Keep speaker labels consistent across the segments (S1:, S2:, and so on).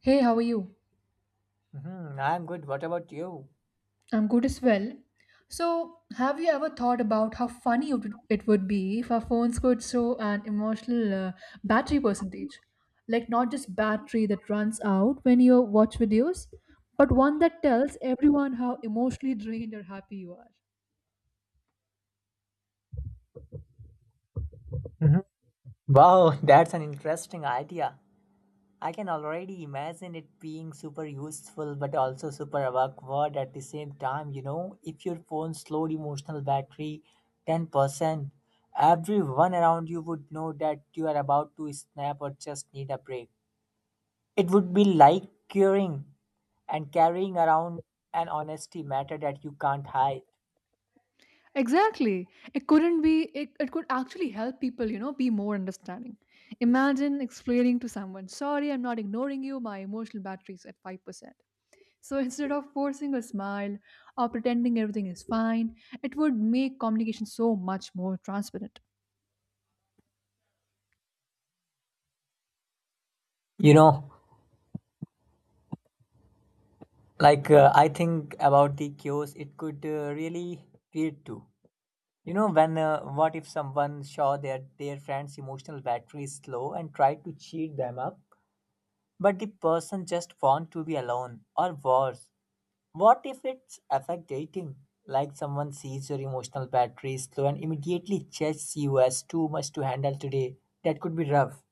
S1: Hey, how are you?
S2: Mhm, I'm good. What about you?
S1: I'm good as well. So, have you ever thought about how funny it would be if our phones could show an emotional battery percentage? Like, not just battery that runs out when you watch videos, but one that tells everyone how emotionally drained or happy you are.
S2: Mhm. Wow, that's an interesting idea. I can already imagine it being super useful but also super awkward at the same time. You know, if your phone's low emotional battery 10%, everyone around you would know that you are about to snap or just need a break. It would be like curing and carrying around an honesty matter that you can't hide.
S1: Exactly. It couldn't be, it could actually help people be more understanding. Imagine explaining to someone, sorry, I'm not ignoring you, my emotional battery's at 5%. So instead of forcing a smile or pretending everything is fine, it would make communication so much more transparent.
S2: You know, I think about the chaos it could really create too, you know, when what if someone saw their friend's emotional battery is low and tried to cheat them up, but the person just want to be alone. Or worse, what if it's affect dating, like someone sees your emotional battery is low and immediately judges you as too much to handle today? That could be rough.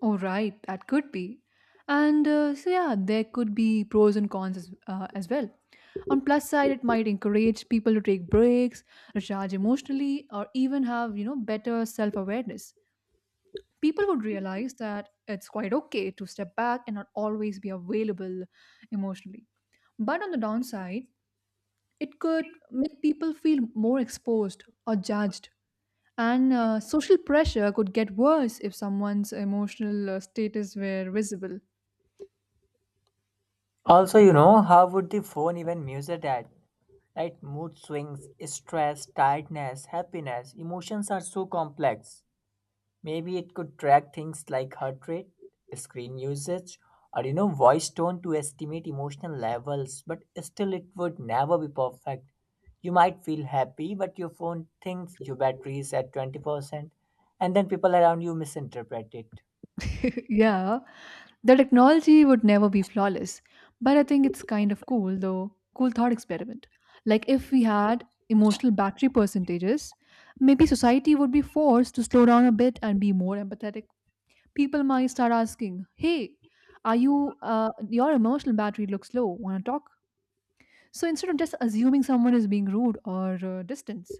S1: Oh, right, that could be. And so, yeah, there could be pros and cons as well. On plus side, it might encourage people to take breaks, recharge emotionally, or even have better self awareness. People would realize that it's quite okay to step back and not always be available emotionally. But on the downside, it could make people feel more exposed or judged. And social pressure could get worse if someone's emotional status were visible.
S2: Also, you know, how would the phone even measure that? Right? Mood swings, stress, tiredness, happiness, emotions are so complex. Maybe it could track things like heart rate, screen usage, or you know, voice tone to estimate emotional levels, but still it would never be perfect. You might feel happy, but your phone thinks your battery is at 20%, and then people around you misinterpret it.
S1: Yeah, the technology would never be flawless, but I think it's kind of cool though. Cool thought experiment. Like if we had emotional battery percentages, maybe society would be forced to slow down a bit and be more empathetic. People might start asking, "Hey, are you? Your emotional battery looks low. Want to talk?" So instead of just assuming someone is being rude or distance.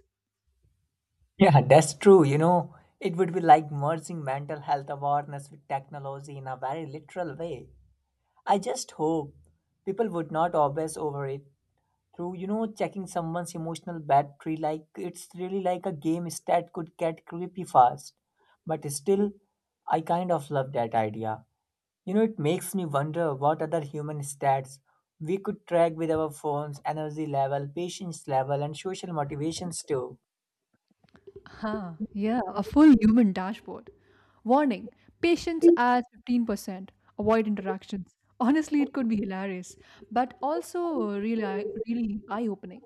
S2: Yeah, that's true. You know, it would be like merging mental health awareness with technology in a very literal way. I just hope people would not obsess over it through, you know, checking someone's emotional battery like it's really like a game stat could get creepy fast. But still, I kind of love that idea. You know, it makes me wonder what other human stats we could track with our phones, energy level, patience level, and social motivations too.
S1: Huh? Yeah, a full human dashboard. Warning: patience at 15%. Avoid interactions. Honestly, it could be hilarious, but also really, really eye-opening.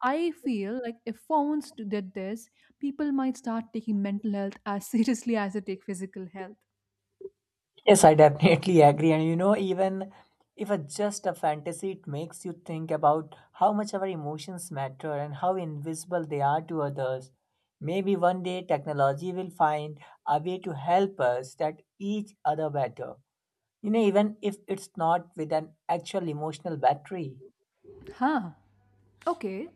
S1: I feel like if phones did this, people might start taking mental health as seriously as they take physical health.
S2: Yes, I definitely agree. And you know, even if it's just a fantasy, it makes you think about how much our emotions matter and how invisible they are to others. Maybe one day technology will find a way to help us that each other better. You know, even if it's not with an actual emotional battery.
S1: Huh? Okay.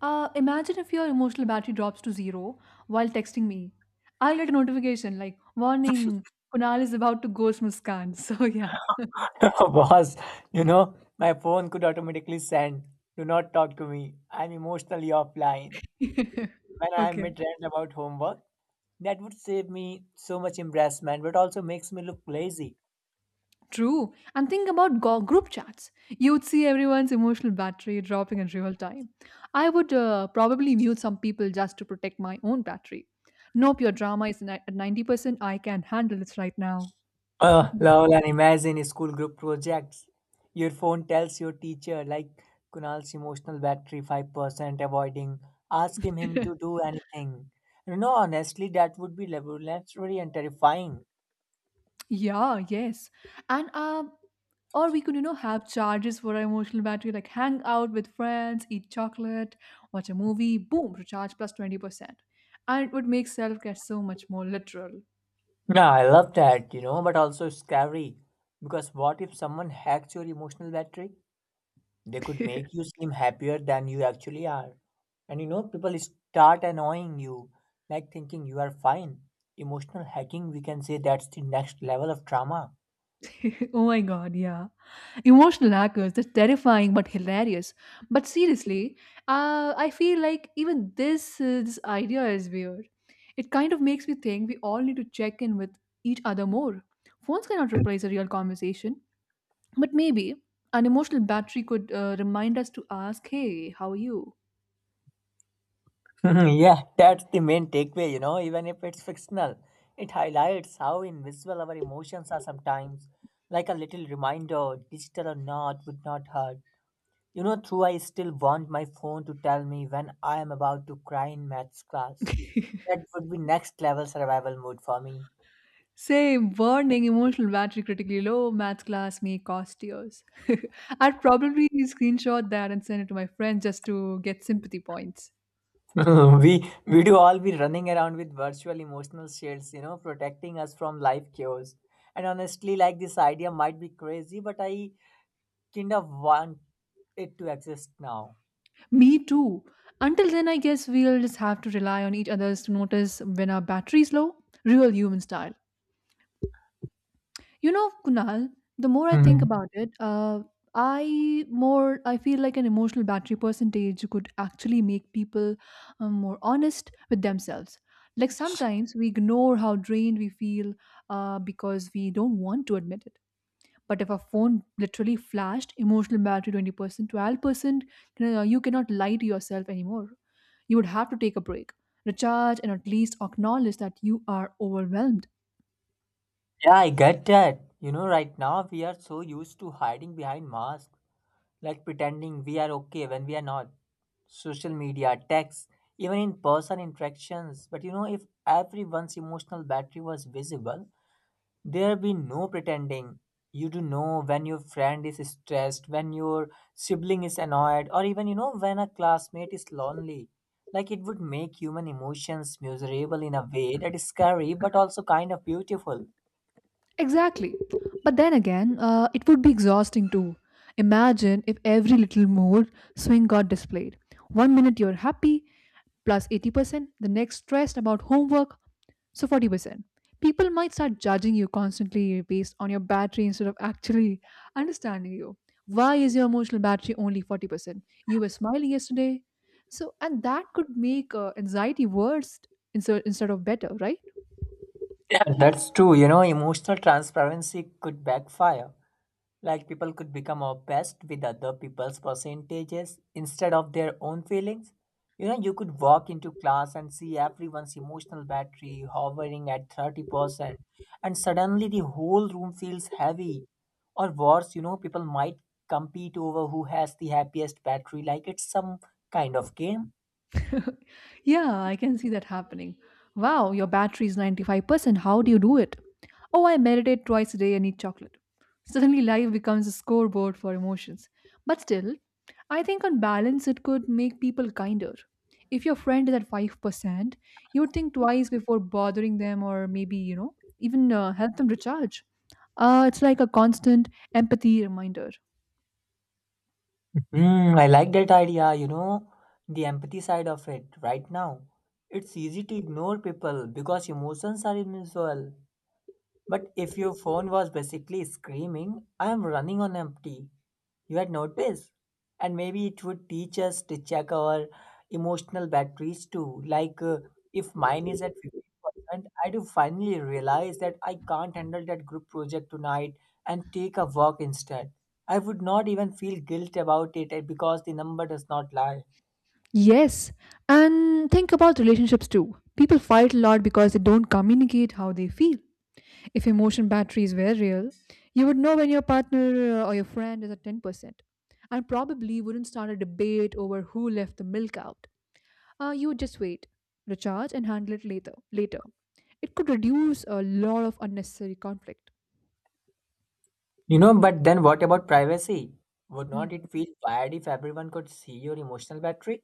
S1: Imagine if your emotional battery drops to zero while texting me. I'll get a notification like, warning, Kunal is about to ghost Muskan. So, yeah.
S2: Boss, you know, my phone could automatically send, do not talk to me. I'm emotionally offline. When I'm
S1: Okay.
S2: mid-rant about homework, that would save me so much embarrassment, but also makes me look lazy.
S1: True. And think about group chats. You'd see everyone's emotional battery dropping in real time. I would probably mute some people just to protect my own battery. Nope, your drama is at 90%. I can handle this right now.
S2: Oh, lol, and imagine school group projects. Your phone tells your teacher, like, Kunal's emotional battery 5%, avoiding asking him to do anything. You know, honestly, that would be revolutionary and terrifying.
S1: Yeah, yes. And or we could, have charges for our emotional battery, like hang out with friends, eat chocolate, watch a movie, boom, recharge 20%. And it would make self care so much more literal.
S2: Yeah, I love that, you know, but also scary. Because what if someone hacks your emotional battery? They could make you seem happier than you actually are. And you know, people start annoying you, like thinking you are fine. Emotional hacking, we can say, that's the next level of trauma.
S1: Oh my God, yeah. Emotional hackers, that's terrifying but hilarious. But seriously, I feel like even this idea is weird. It kind of makes me think we all need to check in with each other more. Phones cannot replace a real conversation. But maybe an emotional battery could remind us to ask, hey, how are you?
S2: Mhm, yeah, that's the main takeaway, you know, even if it's fictional. It highlights how invisible our emotions are sometimes. Like a little reminder, digital or not, would not hurt. You know, through I still want my phone to tell me when I am about to cry in maths class. That would be next level survival mode for me.
S1: Same, warning, emotional battery critically low, maths class may cost tears. I'd probably screenshot that and send it to my friends just to get sympathy points.
S2: we we do all be running around with virtual emotional shields, you know, protecting us from life chaos. And honestly, like this idea might be crazy, but I kind of want it to exist now.
S1: Me too. Until then, I guess we'll just have to rely on each other's to notice when our battery's low. Real human style. You know, Kunal, the more I think
S2: Mhm.
S1: about it, I more I feel like an emotional battery percentage could actually make people more honest with themselves. Like sometimes we ignore how drained we feel because we don't want to admit it. But if a phone literally flashed emotional battery 20%, 12%, you cannot lie to yourself anymore. You would have to take a break, recharge, and at least acknowledge that you are overwhelmed.
S2: Yeah, I get that. You know, right now we are so used to hiding behind masks, like pretending we are okay when we are not. Social media, text, even in person interactions. But you know, if everyone's emotional battery was visible, there be no pretending. You do know when your friend is stressed, when your sibling is annoyed, or even you know when a classmate is lonely. Like it would make human emotions miserable in a way that is scary but also kind of beautiful.
S1: Exactly. But then again, it would be exhausting too. Imagine if every little mood swing got displayed. One minute you're happy, 80%, the next stressed about homework, so 40%. People might start judging you constantly based on your battery instead of actually understanding you. Why is your emotional battery only 40%? You were smiling yesterday. So, and that could make anxiety worse instead of better, right?
S2: Yeah, that's true. You know, emotional transparency could backfire. Like people could become obsessed with other people's percentages instead of their own feelings. You know, you could walk into class and see everyone's emotional battery hovering at 30%, and suddenly the whole room feels heavy. Or worse, you know, people might compete over who has the happiest battery, like it's some kind of game.
S1: Yeah, I can see that happening. Wow, your battery is 95%. How do you do it? Oh, I meditate twice a day and eat chocolate. Suddenly, life becomes a scoreboard for emotions. But still, I think on balance, it could make people kinder. If your friend is at 5%, you would think twice before bothering them or maybe, even help them recharge. It's like a constant empathy reminder.
S2: Mm, I like that idea, you know, the empathy side of it right now. It's easy to ignore people because emotions are invisible. But if your phone was basically screaming, I am running on empty, you had noticed. And maybe it would teach us to check our emotional batteries too. If mine is at 50%, I do finally realize that I can't handle that group project tonight and take a walk instead. I would not even feel guilt about it because the number does not lie.
S1: Yes, and think about relationships too. People fight a lot because they don't communicate how they feel. If emotion batteries were real, you would know when your partner or your friend is at 10%, and probably wouldn't start a debate over who left the milk out. You would just wait, recharge, and handle it later. Later, it could reduce a lot of unnecessary conflict.
S2: You know, but then what about privacy? Would not it
S1: Hmm.
S2: feel bad if everyone could see your emotional battery?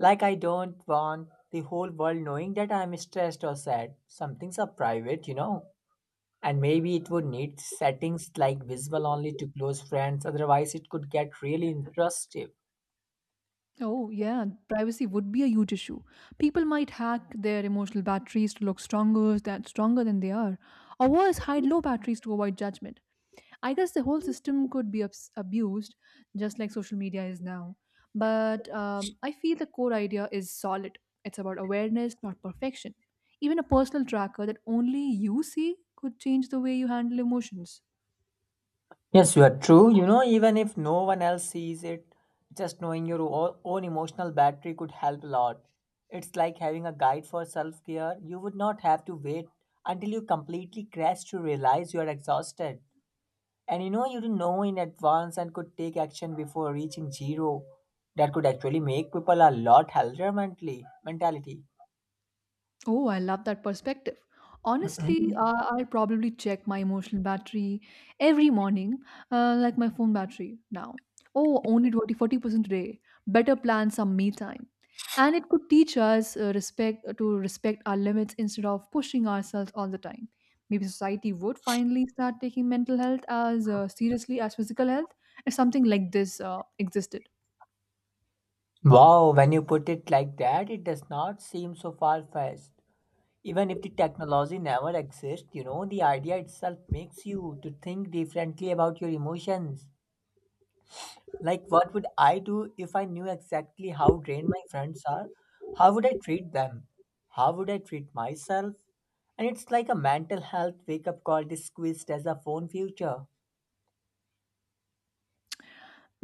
S2: Like, I don't want the whole world knowing that I'm stressed or sad. Some things are private, you know. And maybe it would need settings like visible only to close friends, otherwise, it could get really intrusive.
S1: Oh, yeah, privacy would be a huge issue. People might hack their emotional batteries to look stronger than they are, or worse, hide low batteries to avoid judgment. I guess the whole system could be abused, just like social media is now. But I feel the core idea is solid. It's about awareness, not perfection. Even a personal tracker that only you see could change the way you handle emotions.
S2: Yes, you are true. You know, even if no one else sees it, just knowing your own emotional battery could help a lot. It's like having a guide for self care. You would not have to wait until you completely crash to realize you are exhausted. And you know, you didn't know in advance and could take action before reaching zero. That could actually make people a lot healthier mentally mentality.
S1: Oh, I love that perspective. Honestly, I'll probably check my emotional battery every morning, like my phone battery now. Oh, only 20 40% today. Better plan some me time. And it could teach us respect to respect our limits instead of pushing ourselves all the time. Maybe society would finally start taking mental health as seriously as physical health if something like this existed.
S2: Wow, when you put it like that, it does not seem so far fetched. Even if the technology never exists, you know, the idea itself makes you to think differently about your emotions. Like, what would I do if I knew exactly how drained my friends are? How would I treat them? How would I treat myself? And it's like a mental health wake up call disguised as a phone future.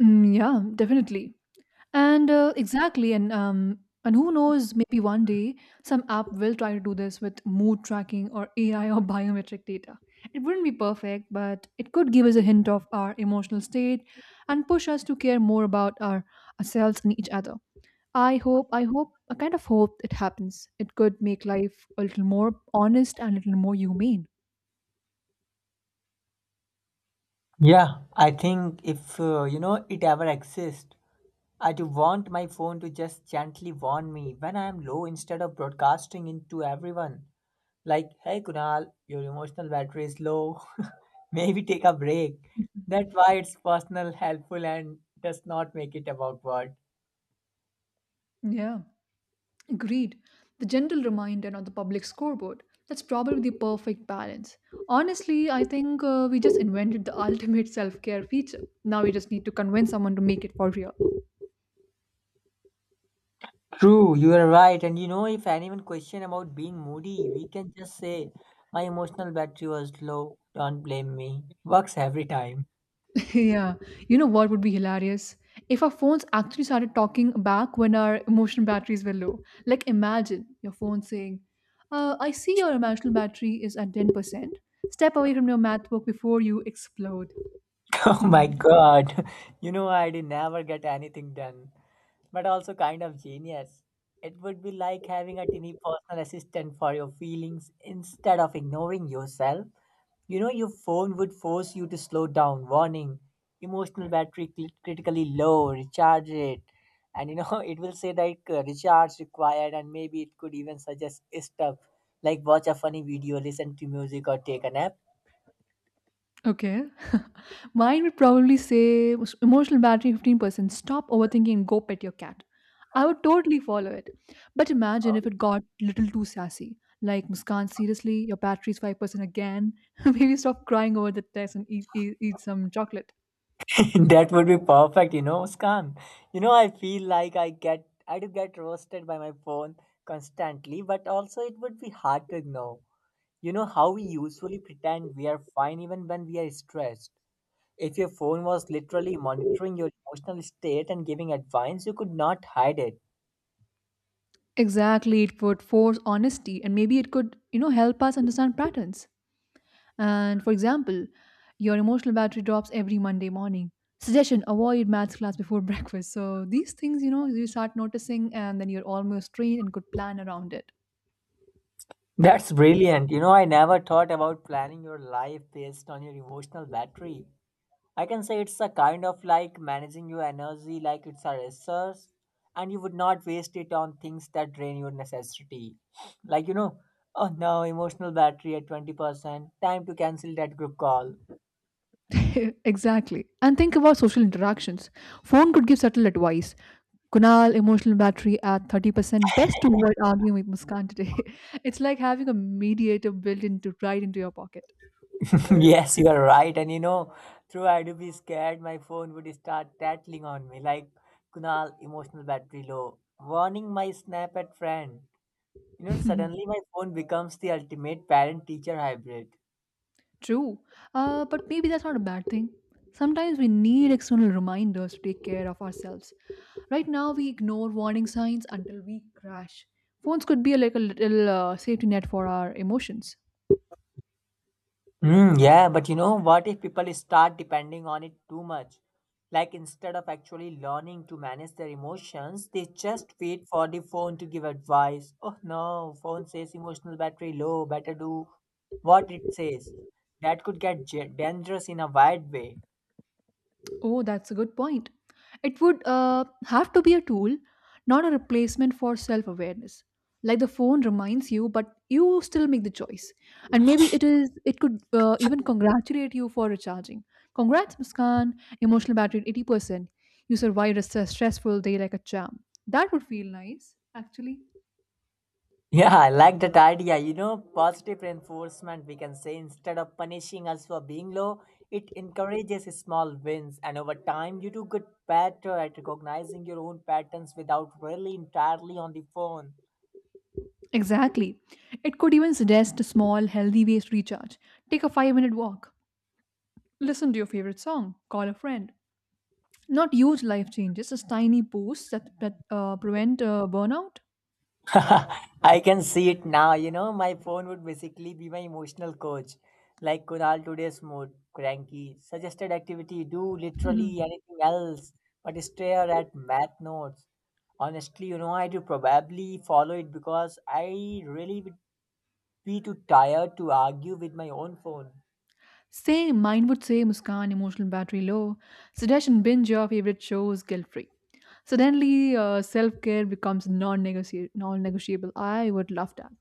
S1: Mm, yeah, definitely. And exactly, and who knows? Maybe one day some app will try to do this with mood tracking or AI or biometric data. It wouldn't be perfect, but it could give us a hint of our emotional state and push us to care more about ourselves and each other. I kind of hope it happens. It could make life a little more honest and a little more humane.
S2: Yeah, I think if you know, it ever exists, I do want my phone to just gently warn me when I am low instead of broadcasting it to everyone. Like, hey Kunal, your emotional battery is low. Maybe take a break. That's why it's personal, helpful, and does not make it about what.
S1: Yeah. Agreed. The gentle reminder on the public scoreboard. That's probably the perfect balance. Honestly, I think we just invented the ultimate self care feature. Now we just need to convince someone to make it for real.
S2: True, you are right. And you know, if anyone question about being moody, we can just say, "My emotional battery was low. Don't blame me. Works every time."
S1: Yeah. You know what would be hilarious? If our phones actually started talking back when our emotional batteries were low. Like imagine your phone saying, I see your emotional battery is at 10%. Step away from your math book before you explode.
S2: Oh my God! You know, I did never get anything done, but also kind of genius. It would be like having a tiny personal assistant for your feelings instead of ignoring yourself. You know, your phone would force you to slow down, warning, emotional battery critically low, recharge it. And you know, it will say like recharge required, and maybe it could even suggest stuff like watch a funny video, listen to music, or take a nap.
S1: Okay. Mine would probably say emotional battery 15%. Stop overthinking and go pet your cat. I would totally follow it. But imagine if it got little too sassy. Like, Muskan, seriously, your battery's 5% again. Maybe stop crying over the test and eat some chocolate.
S2: That would be perfect, you know, Muskan. You know, I feel like I do get roasted by my phone constantly, but also it would be hard to ignore. You know how we usually pretend we are fine even when we are stressed. If your phone was literally monitoring your emotional state and giving advice, you could not hide it.
S1: Exactly. It would force honesty and maybe it could help us understand patterns. And for example, your emotional battery drops every Monday morning. Suggestion avoid maths class before breakfast. So these things, you start noticing and then you're almost trained and could plan around it.
S2: That's brilliant. You know, I never thought about planning your life based on your emotional battery. I can say it's a kind of like managing your energy like it's a resource, and you would not waste it on things that drain your necessity. Like, you know, oh no, emotional battery at 20%, time to cancel that group call.
S1: Exactly. And think about social interactions. Phone could give subtle advice. Kunal, emotional battery at 30%. Best to avoid arguing with Muskan today. It's like having a mediator built into right into your pocket.
S2: Yes, you are right. And you know, through I do be scared, my phone would start tattling on me like, Kunal, emotional battery low, warning my snap at friend. You know, suddenly my phone becomes the ultimate parent teacher hybrid.
S1: True, but maybe that's not a bad thing. Sometimes we need external reminders to take care of ourselves. Right now, we ignore warning signs until we crash. Phones could be like a little safety net for our emotions.
S2: Mm, yeah, but you know, what if people start depending on it too much? Like instead of actually learning to manage their emotions, they just wait for the phone to give advice. Oh no, phone says emotional battery low, better do what it says. That could get dangerous in a wide way.
S1: Oh, that's a good point. It would have to be a tool, not a replacement for self awareness. Like the phone reminds you, but you still make the choice. And maybe it is. It could even congratulate you for recharging. Congrats, Muskan. Emotional battery at 80%. You survived a stressful day like a champ. That would feel nice, actually.
S2: Yeah, I like that idea. You know, positive reinforcement, we can say, instead of punishing us for being low, it encourages small wins. And over time, you do get better at recognizing your own patterns without really entirely on the phone.
S1: Exactly. It could even suggest small, healthy ways to recharge. Take a 5-minute walk. Listen to your favorite song. Call a friend. Not huge life changes, just tiny posts that prevent burnout.
S2: I can see it now. You know, my phone would basically be my emotional coach. Like Kunal today's mood, cranky, suggested activity, do
S1: Mhm.
S2: literally anything else, but stare at math notes. Honestly, you know, I do probably follow it because I really would be too tired to argue with my own phone.
S1: Same, mine would say Muskan, emotional battery low. Suggestion binge your favorite shows guilt free. Suddenly, self care becomes non negotiable. I would love that.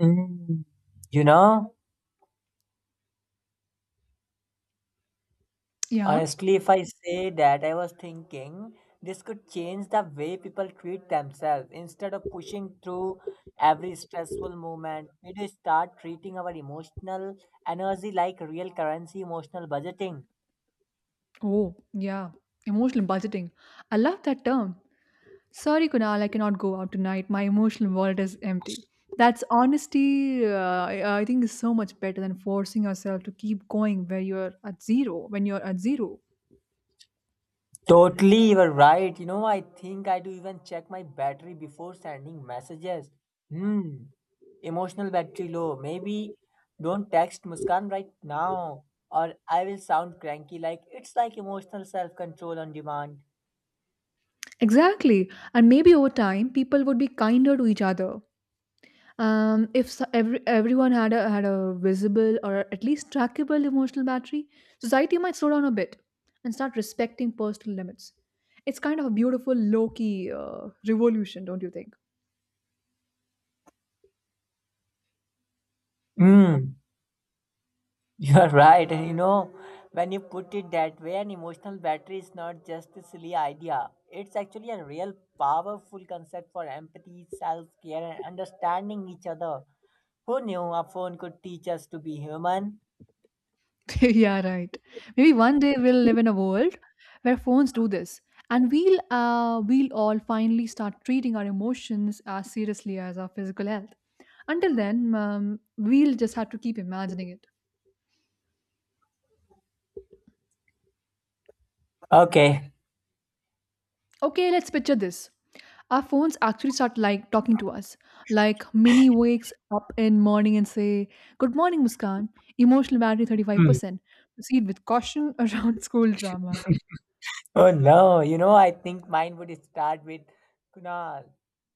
S2: Mm. You know?
S1: Yeah.
S2: Honestly, if I say that, I was thinking this could change the way people treat themselves. Instead of pushing through every stressful moment, we do start treating our emotional energy like real currency, emotional budgeting.
S1: Oh, yeah. Emotional budgeting. I love that term. Sorry, Kunal, I cannot go out tonight. My emotional world is empty. That's honesty, I think, is so much better than forcing yourself to keep going where you're at zero, when you're at zero.
S2: Totally, you're right. You know, I think I do even check my battery before sending messages. Hmm, emotional battery low. Maybe don't text Muskan right now, or I will sound cranky like it's like emotional self control on demand.
S1: Exactly. And maybe over time, people would be kinder to each other. If so, everyone had a visible or at least trackable emotional battery, society might slow down a bit and start respecting personal limits. It's kind of a beautiful, low key revolution, don't you think?
S2: Mm, you're right. And you know, when you put it that way, an emotional battery is not just a silly idea. It's actually a real powerful concept for empathy, self care, and understanding each other. Who knew a phone could teach us to be human?
S1: Yeah, right. Maybe one day we'll live in a world where phones do this, and we'll all finally start treating our emotions as seriously as our physical health. Until then, we'll just have to keep imagining it.
S2: Okay.
S1: Okay, let's picture this. Our phones actually start like talking to us. Like Mini wakes up in morning and say, "Good morning, Muskan. Emotional battery
S2: Hmm.
S1: 35%. Proceed with caution around school drama."
S2: Oh no, you know, I think mine would start with Kunal.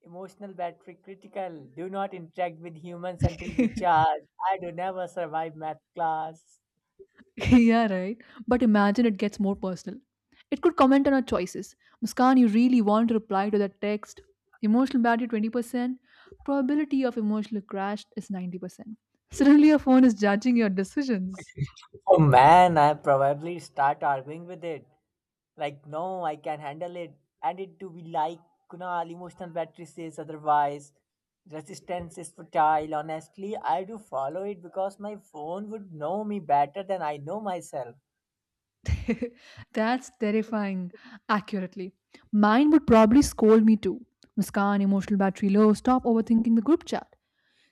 S2: Emotional battery critical. Do not interact with humans until recharged. I do never survive math class.
S1: Yeah, right. But imagine it gets more personal. It could comment on our choices. Muskan, you really want to reply to that text. Emotional battery 20%. Probability of emotional crash is 90%. Suddenly, your phone is judging your decisions.
S2: Oh man, I probably start arguing with it. Like, no, I can handle it. And it to be like Kunal, emotional battery says otherwise. Resistance is futile. Honestly, I do follow it because my phone would know me better than I know myself.
S1: That's terrifying, accurately. Mine would probably scold me too. Muskan, emotional battery low. Stop overthinking the group chat.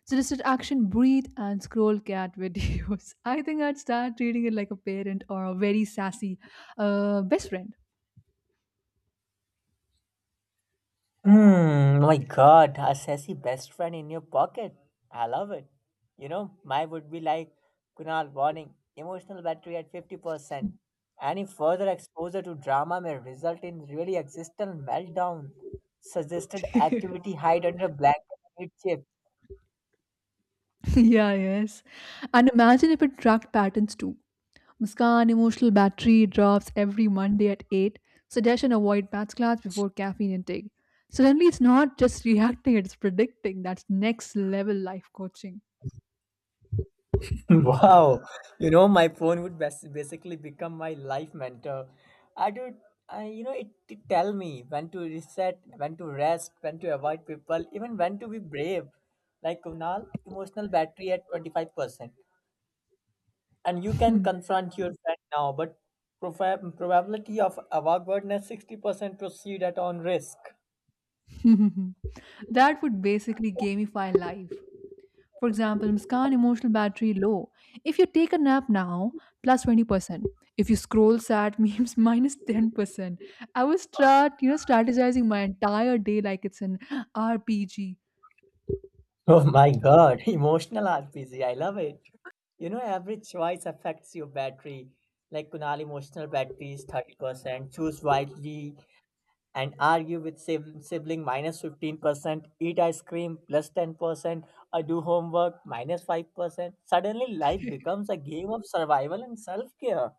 S1: Solicit action, breathe, and scroll cat videos. I think I'd start treating it like a parent or a very sassy best friend.
S2: Hmm, my God, a sassy best friend in your pocket. I love it. You know, mine would be like Kunal warning, emotional battery at 50%. Any further exposure to drama may result in really existential meltdown. Suggested
S1: Yeah,
S2: activity hide under blanket and eat chips.
S1: yes. And imagine if it tracked patterns too. Muskan emotional battery drops every Monday at 8. Suggestion avoid maths class before caffeine intake. Suddenly, it's not just reacting, it's predicting. That's next level life coaching.
S2: Wow, you know, my phone would basically become my life mentor. I do, I, you know, it tell me when to reset, when to rest, when to avoid people, even when to be brave. Like Kunal, emotional battery at 25%. And you can confront your friend now, but profa probability of awkwardness 60% proceed at on risk.
S1: That would basically gamify life. For example, Muskan emotional battery low. If you take a nap now, 20%. If you scroll sad memes, 10%. I was strategizing my entire day like it's an RPG.
S2: Oh my god, emotional RPG. I love it. You know, every choice affects your battery. Like Kunal, emotional battery is 30%. Choose wisely and argue with sibling 15%. Eat ice cream 10%. Or do homework 5%. Suddenly, life becomes a game of survival and self care.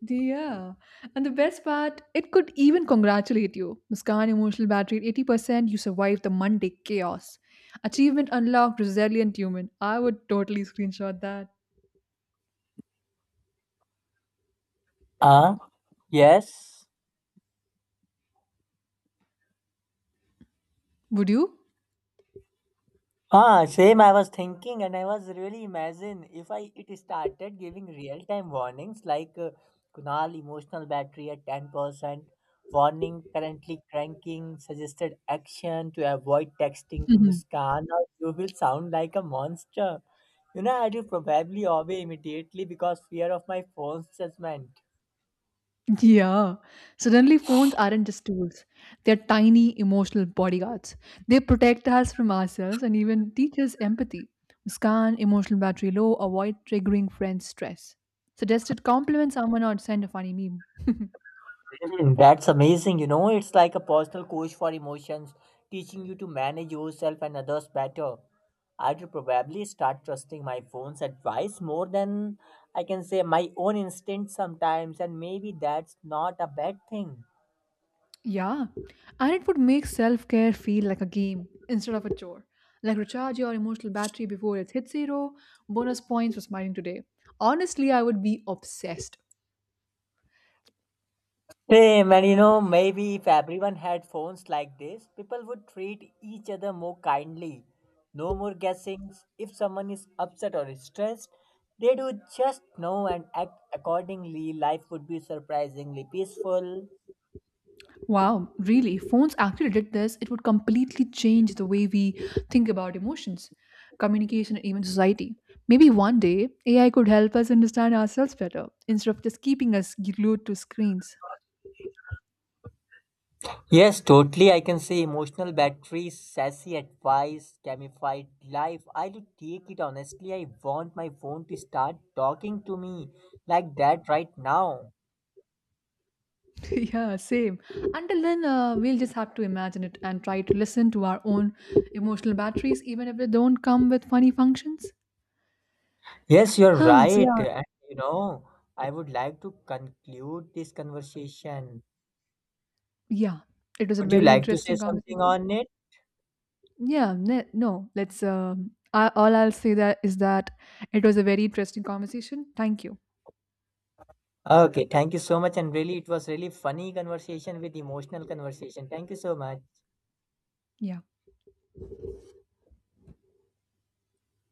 S1: Yeah. And the best part, it could even congratulate you. Muskan emotional battery at 80%, you survived the Monday chaos. Achievement unlocked, resilient human. I would totally screenshot that.
S2: Ah, yes.
S1: Would you?
S2: Ah, same. I was thinking, and I was really imagine if I it started giving real time warnings like Kunal emotional battery at 10%, warning currently cranking, suggested action to avoid texting to Muskan, or you will sound like a monster. You know, I do probably obey immediately because fear of my phone's judgment.
S1: Yeah. Suddenly, phones aren't just tools. They're tiny emotional bodyguards. They protect us from ourselves and even teach us empathy. Scan emotional battery low, avoid triggering friends' stress. Suggested compliment someone or send a funny meme.
S2: That's amazing. You know, it's like a personal coach for emotions, teaching you to manage yourself and others better. I'd probably start trusting my phone's advice more than I can say my own instinct sometimes, and maybe that's not a bad thing.
S1: Yeah. And it would make self care feel like a game instead of a chore. Like recharge your emotional battery before it hits zero, bonus points for smiling today. Honestly, I would be obsessed.
S2: Same, and you know, maybe if everyone had phones like this, people would treat each other more kindly. No more guessings. If someone is upset or stressed, they do just know and act accordingly. Life would be surprisingly peaceful.
S1: Wow, really? Phones actually did this. It would completely change the way we think about emotions, communication, and even society. Maybe one day AI could help us understand ourselves better instead of just keeping us glued to screens.
S2: Yes, totally. I can say emotional batteries, sassy advice, gamified life. I do take it honestly. I want my phone to start talking to me like that right now.
S1: Yeah, same. Until then, we'll just have to imagine it and try to listen to our own emotional batteries, even if they don't come with funny functions.
S2: Yes, you're
S1: Huh, so
S2: right. And you know, I would like to conclude this conversation.
S1: yeah, yeah, it was a
S2: Would you
S1: very
S2: like to say
S1: interesting
S2: something
S1: conversation.
S2: on it?
S1: Yeah, no, let's. All I'll say that is that it was a very interesting conversation. Thank you.
S2: Okay, thank you so much. And really, it was really funny conversation with emotional conversation. Thank you so much.
S1: Yeah.